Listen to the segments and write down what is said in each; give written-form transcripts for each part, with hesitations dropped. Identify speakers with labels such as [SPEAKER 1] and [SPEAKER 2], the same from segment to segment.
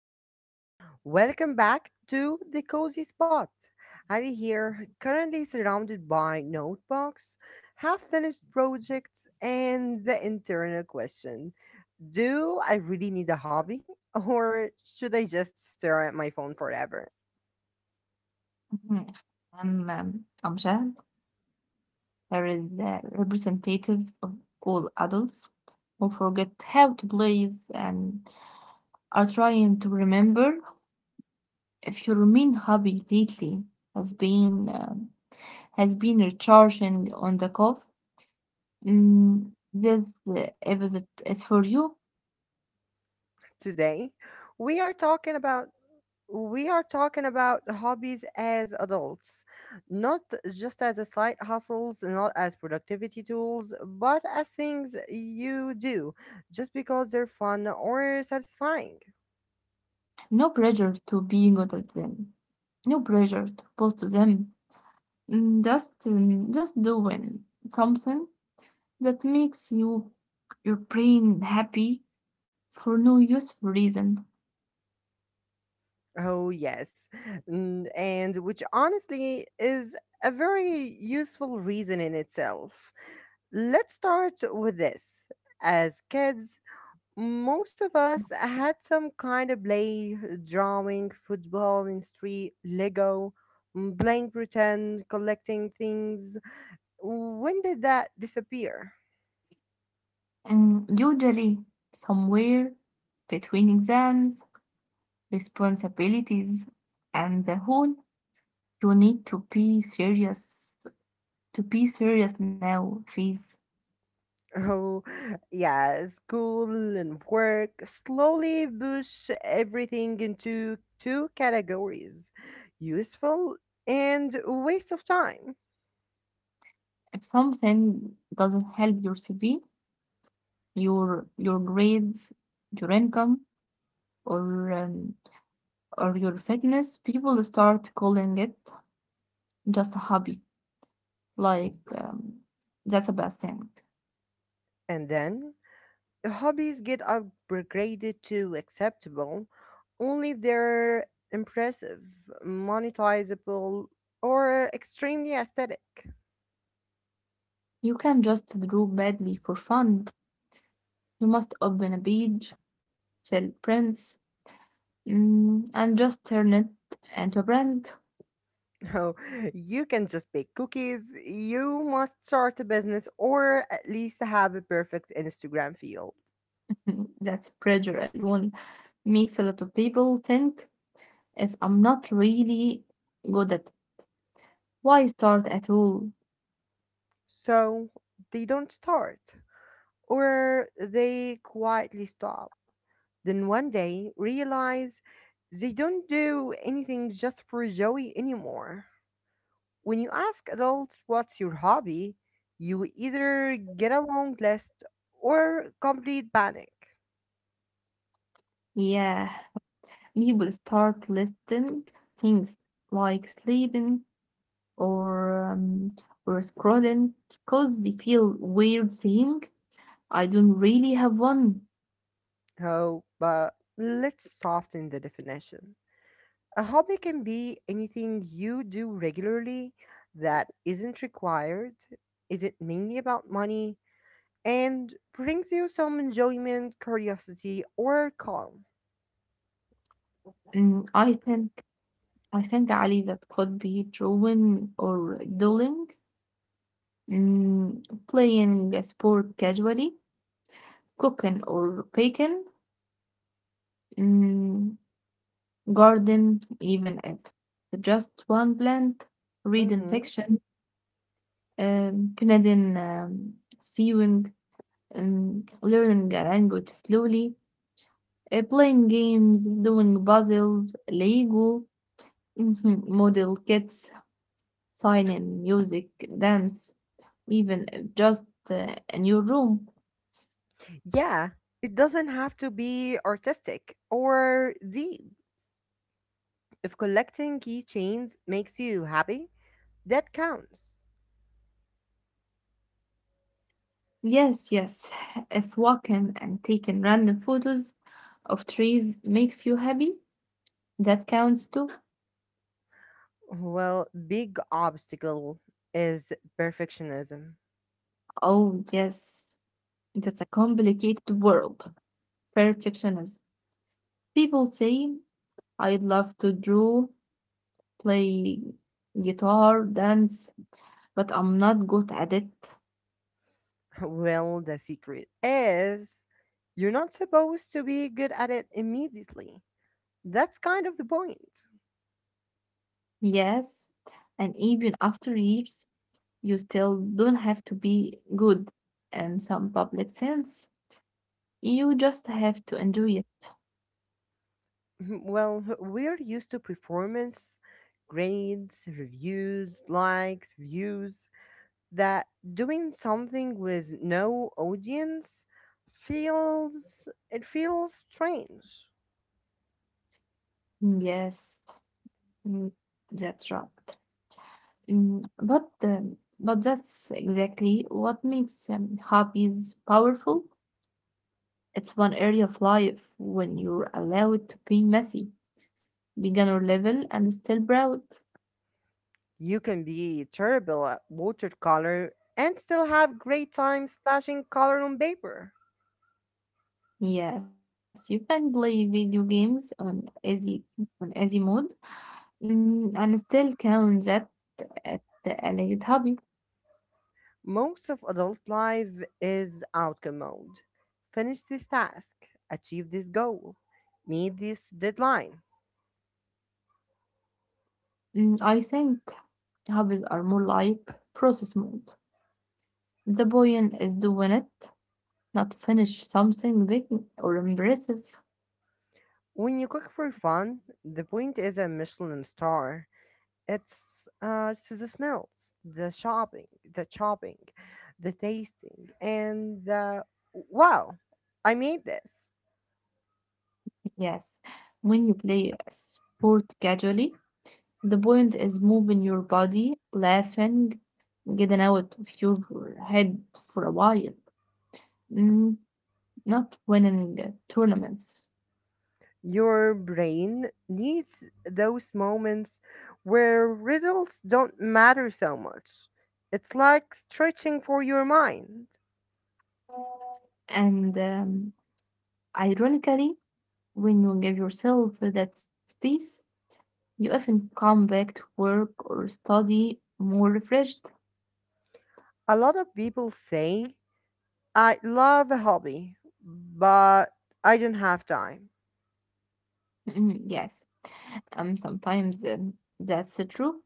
[SPEAKER 1] everyone. Welcome back to the Cozy Spot. Ali here, currently surrounded by notebooks, half finished projects, and the internal question, do I really need a hobby? Or should I just stare at my phone forever?
[SPEAKER 2] Mhm. I'm Amjad. Here is the representative of all adults who forget how to please and are trying to remember if your main hobby lately has been has been recharging on the cough. Mm, this episode is for you.
[SPEAKER 1] Today, we are talking about hobbies as adults, not just as a side hustles, not as productivity tools, but as things you do just because they're fun or satisfying.
[SPEAKER 2] No pressure to be good at them. No pressure to post to them. Mm, just just doing something that makes you your brain happy for no useful reason.
[SPEAKER 1] Oh, yes. And which honestly is a very useful reason in itself. Let's start with this. As kids, most of us had some kind of play, drawing, football in street, Lego, playing pretend, collecting things. When did that disappear?
[SPEAKER 2] And usually somewhere between exams, responsibilities, and the whole you need to be serious now phase.
[SPEAKER 1] Oh yeah, school and work slowly push everything into two categories: useful, and waste of time.
[SPEAKER 2] If something doesn't help your CV, your grades, your income, or or your fitness, people start calling it just a hobby. Like, that's a bad thing.
[SPEAKER 1] And then hobbies get upgraded to acceptable only if they're impressive, monetizable, or extremely aesthetic.
[SPEAKER 2] You can just draw badly for fun. You must open a page, sell prints, mm, and just turn it into a brand.
[SPEAKER 1] No, you can just bake cookies, you must start a business, or at least have a perfect Instagram field.
[SPEAKER 2] That pressure alone makes a lot of people think if I'm not really good at why start at all?
[SPEAKER 1] So they don't start, or they quietly stop. Then one day realize they don't do anything just for joy anymore. When you ask adults what's your hobby, you either get a long list or complete panic.
[SPEAKER 2] Yeah, people start listing things like sleeping or or scrolling because they feel weird saying I don't really have one.
[SPEAKER 1] Oh, but let's soften the definition. A hobby can be anything you do regularly that isn't required, isn't mainly about money, and brings you some enjoyment, curiosity, or calm.
[SPEAKER 2] Mm, I think Ali, that could be drawing or doodling, mm, playing a sport casually, cooking or baking, mm, garden even if just one plant, reading
[SPEAKER 1] Mm-hmm.
[SPEAKER 2] fiction, Canadian sewing, learning a language slowly, playing games, doing puzzles, Lego, model kits. Silent music, dance, even if just in your room.
[SPEAKER 1] Yeah, it doesn't have to be artistic or deep. If collecting keychains makes you happy, that counts.
[SPEAKER 2] Yes, yes. If walking and taking random photos of trees makes you happy, that counts too.
[SPEAKER 1] Well, big obstacle is perfectionism.
[SPEAKER 2] Oh, yes. That's a complicated world. Perfectionism. People say, I'd love to draw, play guitar, dance, but I'm not good at it.
[SPEAKER 1] Well, the secret is you're not supposed to be good at it immediately. That's kind of the point.
[SPEAKER 2] Yes. And even after years, you still don't have to be good in some public sense. You just have to enjoy it.
[SPEAKER 1] Mhm. Well, we're used to performance, grades, reviews, likes, views, that doing something with no audience feels strange.
[SPEAKER 2] Mm, yes, mm, that's right. Mm, but but that's exactly what makes hobbies powerful. It's one area of life when you're allowed to be messy, beginner level, and still proud.
[SPEAKER 1] You can be terrible at watercolor and still have great time splashing color on paper.
[SPEAKER 2] Yes, you can play video games on easy mode. Mm, I'm still count that at a late hobby.
[SPEAKER 1] Most of adult life is outcome mode. Finish this task, achieve this goal, meet this deadline.
[SPEAKER 2] Mm, I think hobbies are more like process mode. The point is doing it, not finish something big or impressive.
[SPEAKER 1] When you cook for fun, the point is a Michelin star. It's the smells, the shopping, the chopping, the tasting, and the wow, I made this.
[SPEAKER 2] Yes, when you play a sport casually, the point is moving your body, laughing, getting out of your head for a while, mm, not winning tournaments.
[SPEAKER 1] Your brain needs those moments where results don't matter so much. It's like stretching for your mind.
[SPEAKER 2] And ironically, when you give yourself that space, you often come back to work or study more refreshed.
[SPEAKER 1] A lot of people say, I love a hobby, but I don't have time.
[SPEAKER 2] Mm, yes, sometimes that's true.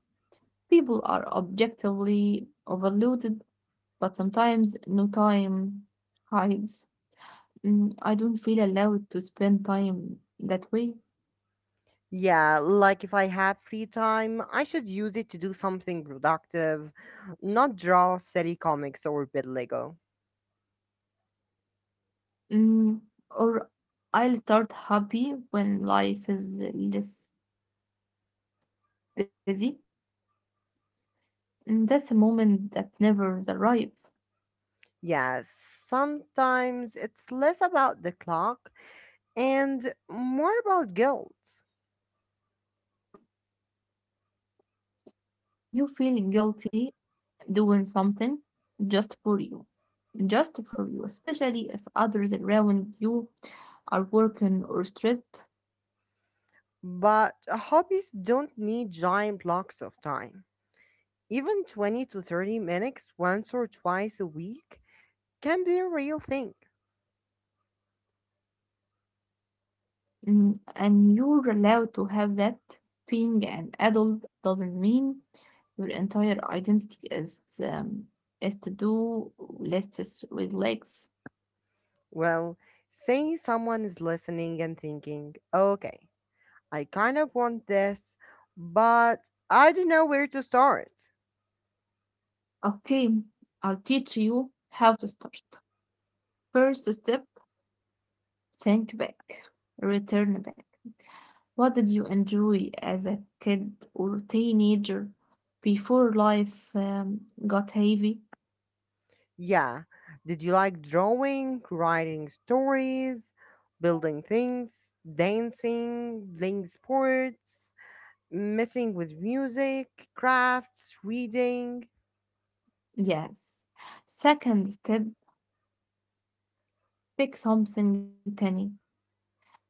[SPEAKER 2] People are objectively overloaded, but sometimes no time hides. Mm, I don't feel allowed to spend time that way.
[SPEAKER 1] Yeah, like if I have free time, I should use it to do something productive, not draw silly comics or build Lego.
[SPEAKER 2] Mm, or I'll start happy when life is less busy. Mm, that's a moment that never arrives.
[SPEAKER 1] Yes, sometimes it's less about the clock and more about guilt.
[SPEAKER 2] You feel guilty doing something just for you, just for you, especially if others around you are working or stressed.
[SPEAKER 1] But hobbies don't need giant blocks of time. Even 20 to 30 minutes once or twice a week can be a real thing.
[SPEAKER 2] Mm, and you're allowed to have that. Being an adult doesn't mean your entire identity is is to do lists with legs.
[SPEAKER 1] Well, say someone is listening and thinking, okay, I kind of want this, but I don't know where to start.
[SPEAKER 2] Okay, I'll teach you how to start. First step, think back, return back. What did you enjoy as a kid or teenager before life got heavy?
[SPEAKER 1] Yeah, did you like drawing, writing stories, building things, dancing, playing sports, messing with music, crafts, reading?
[SPEAKER 2] Yes. Second step, pick something tiny. Not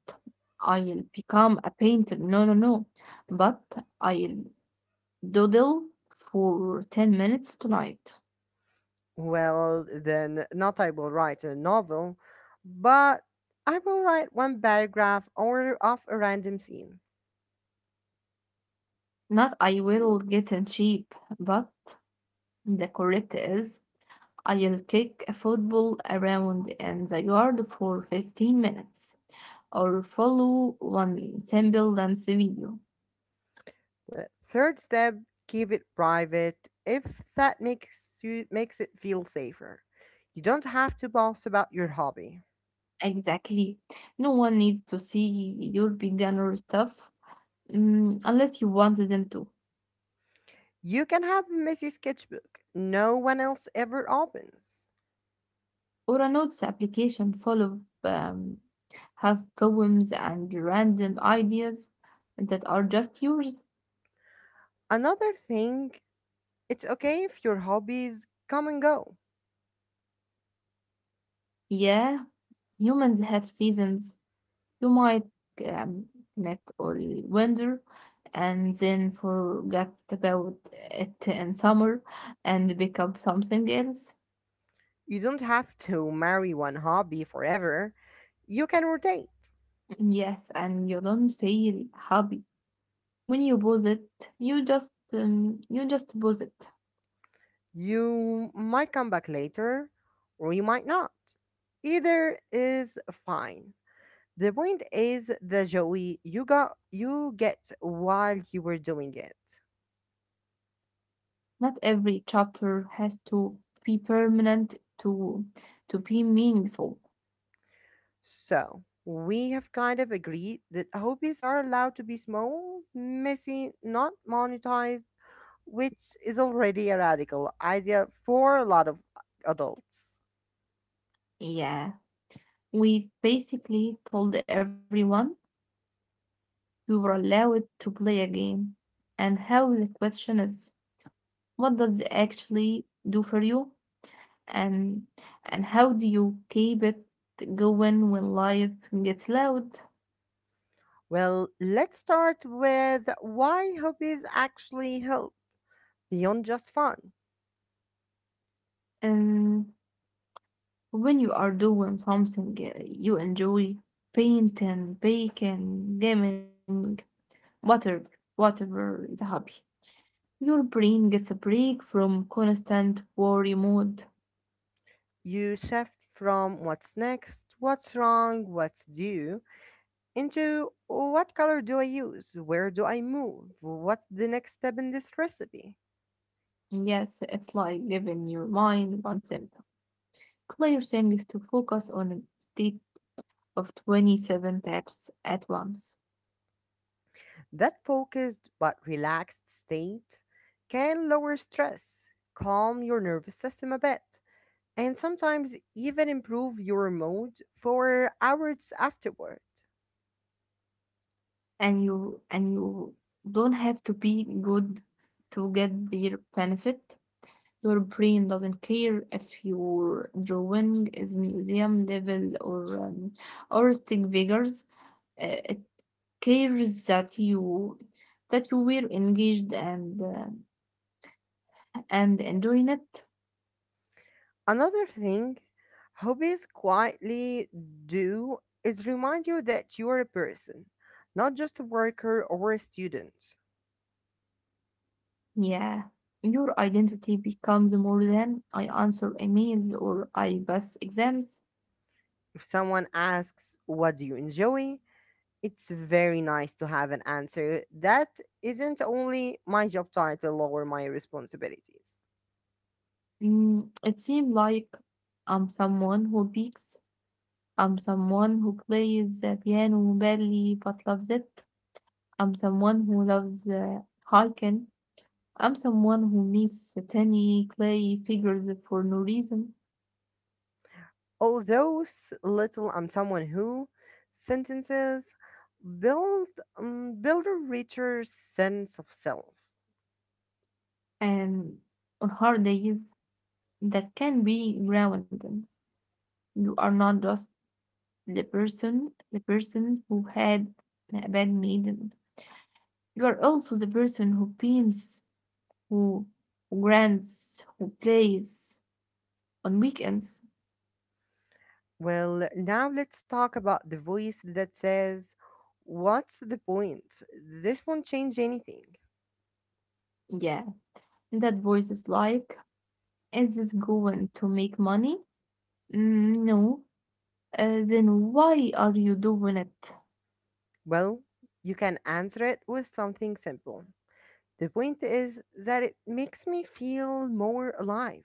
[SPEAKER 2] I'll become a painter. No, no, no. But I'll doodle for 10 minutes tonight.
[SPEAKER 1] Well, then, not I will write a novel, but I will write one paragraph or of a random scene.
[SPEAKER 2] Not I will get in shape, but the correct is I'll kick a football around in the yard for 15 minutes, or follow one simple dance video.
[SPEAKER 1] Well, third step, keep it private if that makes it feel safer. You don't have to boast about your hobby.
[SPEAKER 2] Exactly. No one needs to see your beginner stuff mm, unless you want them to.
[SPEAKER 1] You can have a messy sketchbook no one else ever opens.
[SPEAKER 2] Or a notes application full of have poems and random ideas that are just yours.
[SPEAKER 1] Another thing, it's okay if your hobbies come and go.
[SPEAKER 2] Yeah, humans have seasons. You might um, connect or wonder and then forget about it in summer and become something else.
[SPEAKER 1] You don't have to marry one hobby forever, you can rotate.
[SPEAKER 2] Yes, and you don't feel happy when you pause it. You just pause it.
[SPEAKER 1] You might come back later, or you might not. Either is fine. The point is the joy you get while you were doing it.
[SPEAKER 2] Not every chapter has to be permanent to be meaningful.
[SPEAKER 1] So we have kind of agreed that hobbies are allowed to be small, messy, not monetized, which is already a radical idea for a lot of adults.
[SPEAKER 2] Yeah, we basically told everyone we were allowed to play a game, and how the question is, what does it actually do for you, and and how do you keep it going when life gets loud?
[SPEAKER 1] Well, let's start with why hobbies actually help beyond just fun.
[SPEAKER 2] Um, when you are doing something you enjoy, painting, baking, gaming, whatever, whatever the hobby, your brain gets a break from constant worry mode.
[SPEAKER 1] You shift from what's next, what's wrong, what's due, into what color do I use, where do I move, what's the next step in this recipe.
[SPEAKER 2] Yes, it's like giving your mind one simple, clear things to focus on a state of 27 tabs at once.
[SPEAKER 1] That focused but relaxed state can lower stress, calm your nervous system a bit, and sometimes even improve your mood for hours afterward.
[SPEAKER 2] And you don't have to be good to get their benefit. Your brain doesn't care if your drawing is museum level or um, or stick figures. It cares that you were engaged and and enjoying it.
[SPEAKER 1] Another thing hobbies quietly do is remind you that you're a person, not just a worker or a student.
[SPEAKER 2] Yeah, your identity becomes more than I answer emails or I pass exams.
[SPEAKER 1] If someone asks, what do you enjoy? It's very nice to have an answer that isn't only my job title or my responsibilities.
[SPEAKER 2] Mm, it seemed like I'm someone who peaks. I'm someone who plays the piano badly but loves it. I'm someone who loves hiking. I'm someone who meets tiny clay figures for no reason.
[SPEAKER 1] Although little, I'm someone who sentences build build a richer sense of self.
[SPEAKER 2] And on hard days, that can be grounding. You are not just the person who had a bad meeting. You are also the person who paints, who who grants, who plays on weekends.
[SPEAKER 1] Well, now let's talk about the voice that says, "What's the point? This won't change anything."
[SPEAKER 2] Yeah, that voice is like, is this going to make money? Mm, no, then why are you doing it?
[SPEAKER 1] Well, you can answer it with something simple. The point is that it makes me feel more alive.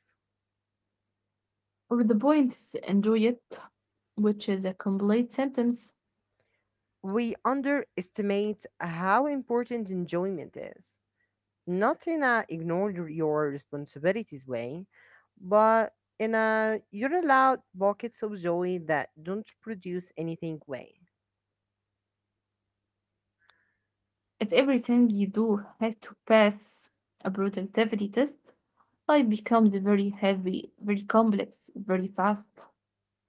[SPEAKER 2] Or the point is enjoy it, which is a complete sentence.
[SPEAKER 1] We underestimate how important enjoyment is. Not in a ignore your responsibilities way, but in a you're allowed buckets of joy that don't produce anything way.
[SPEAKER 2] If everything you do has to pass a productivity test, life becomes very heavy, very complex, very fast.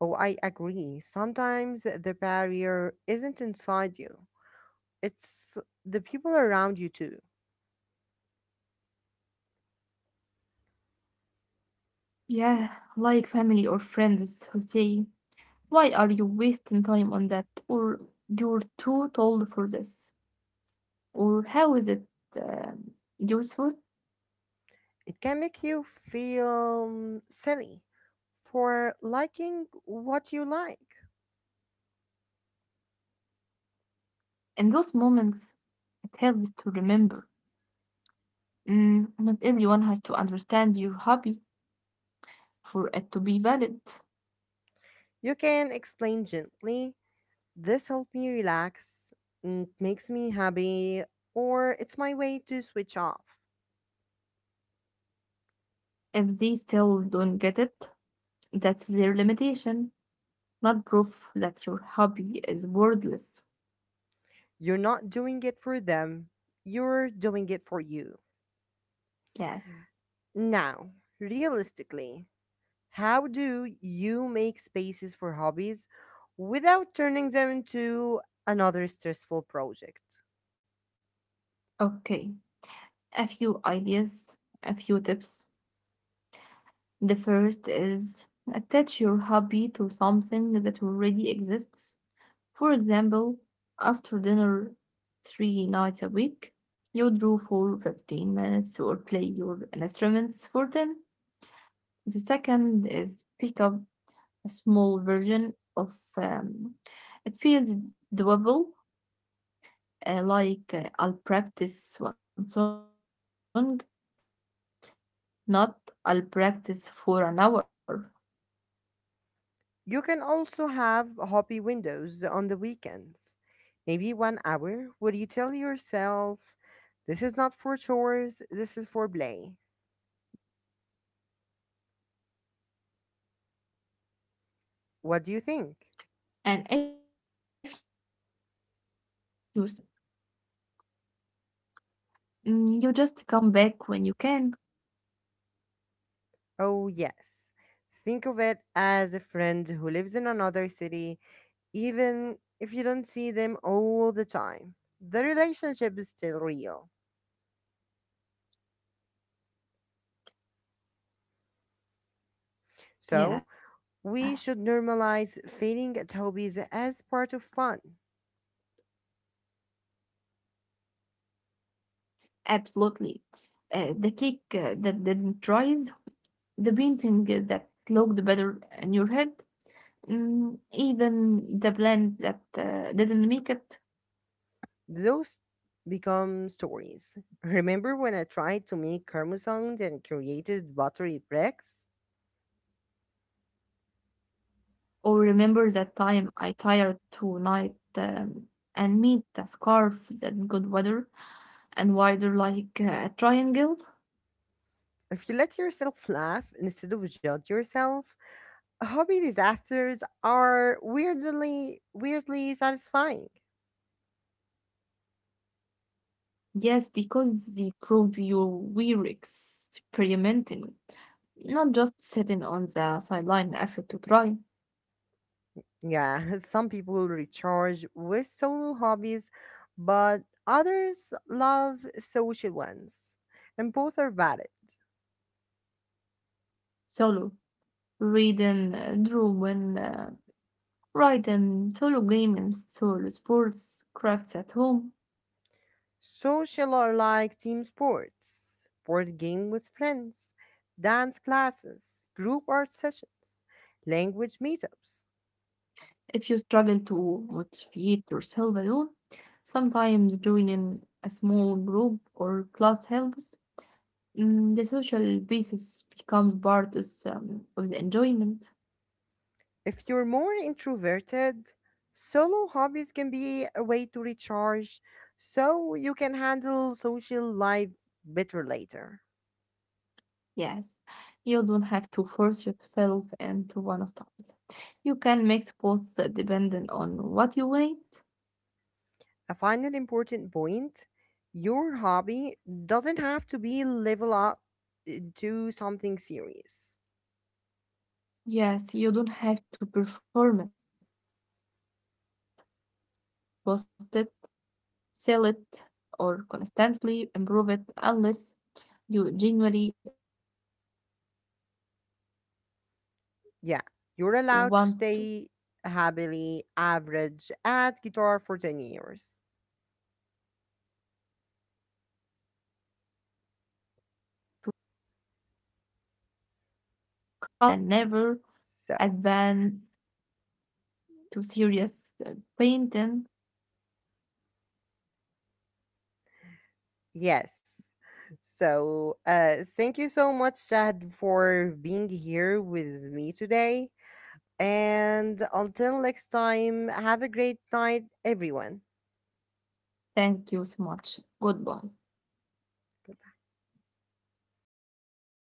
[SPEAKER 1] Oh, I agree. Sometimes the barrier isn't inside you, it's the people around you too.
[SPEAKER 2] Yeah, like family or friends who say, why are you wasting time on that? Or you're too old for this. Or how is it um, useful?
[SPEAKER 1] It can make you feel silly for liking what you like.
[SPEAKER 2] In those moments, it helps to remember mm, not everyone has to understand your hobby for it to be valid.
[SPEAKER 1] You can explain gently, this helps me relax, and it makes me happy, or it's my way to switch off.
[SPEAKER 2] If they still don't get it, that's their limitation, not proof that your hobby is worthless.
[SPEAKER 1] You're not doing it for them, you're doing it for you.
[SPEAKER 2] Yes.
[SPEAKER 1] Now, realistically, how do you make spaces for hobbies without turning them into another stressful project?
[SPEAKER 2] Okay. A few ideas, a few tips. The first is attach your hobby to something that already exists. For example, after dinner three nights a week, you draw for 15 minutes or play your instruments for 10. The second is pick up a small version of it feels doable, like I'll practice one song, not I'll practice for an hour.
[SPEAKER 1] You can also have hobby windows on the weekends. Maybe one hour where you tell yourself, this is not for chores, this is for play. What do you think?
[SPEAKER 2] And if you skip um, skip a week, you don't declare the habit. Mm, you just come back when you can.
[SPEAKER 1] Oh, yes. Think of it as a friend who lives in another city, even if you don't see them all the time. The relationship is still real. So, we should
[SPEAKER 2] Yeah.
[SPEAKER 1] normalize failing at hobbies as part of fun.
[SPEAKER 2] Absolutely. The cake that didn't rise, the painting that looked better in your head, mm, even the blend that didn't make it.
[SPEAKER 1] Those become stories. Remember when I tried to make Kermosong and created buttery bricks?
[SPEAKER 2] Or remember that time I tired tonight and made the scarf that got wider and wider like a triangle.
[SPEAKER 1] If you let yourself laugh instead of judge yourself, hobby disasters are weirdly satisfying.
[SPEAKER 2] Yes, because they prove you were experimenting, not just sitting on the sideline after to try.
[SPEAKER 1] Yeah, some people recharge with solo hobbies, but others love social ones, and both are valid.
[SPEAKER 2] Solo reading, drawing, writing, solo gaming, solo sports, crafts at home.
[SPEAKER 1] Social are like team sports, board game with friends, dance classes, group art sessions, language meetups.
[SPEAKER 2] If you struggle to motivate yourself alone, sometimes joining a small group or class helps. Mm, the social basis becomes part of the enjoyment.
[SPEAKER 1] If you're more introverted, solo hobbies can be a way to recharge so you can handle social life better later.
[SPEAKER 2] Yes, you don't have to force yourself into one style. You can mix both depending on what you want.
[SPEAKER 1] A final important point, your hobby doesn't have to be level up to something serious.
[SPEAKER 2] Yes, you don't have to perform it, post it, sell it, or constantly improve it unless you genuinely want to.
[SPEAKER 1] Yeah, you're allowed to stay happily average at guitar for 10 years.
[SPEAKER 2] You are allowed to color in kids' coloring books as an adult and never
[SPEAKER 1] So.
[SPEAKER 2] advance to serious uh, painting.
[SPEAKER 1] Yes. So, thank you so much, Shahd, for being here with me today. And until next time, have a great night, everyone.
[SPEAKER 2] Thank you so much. Goodbye.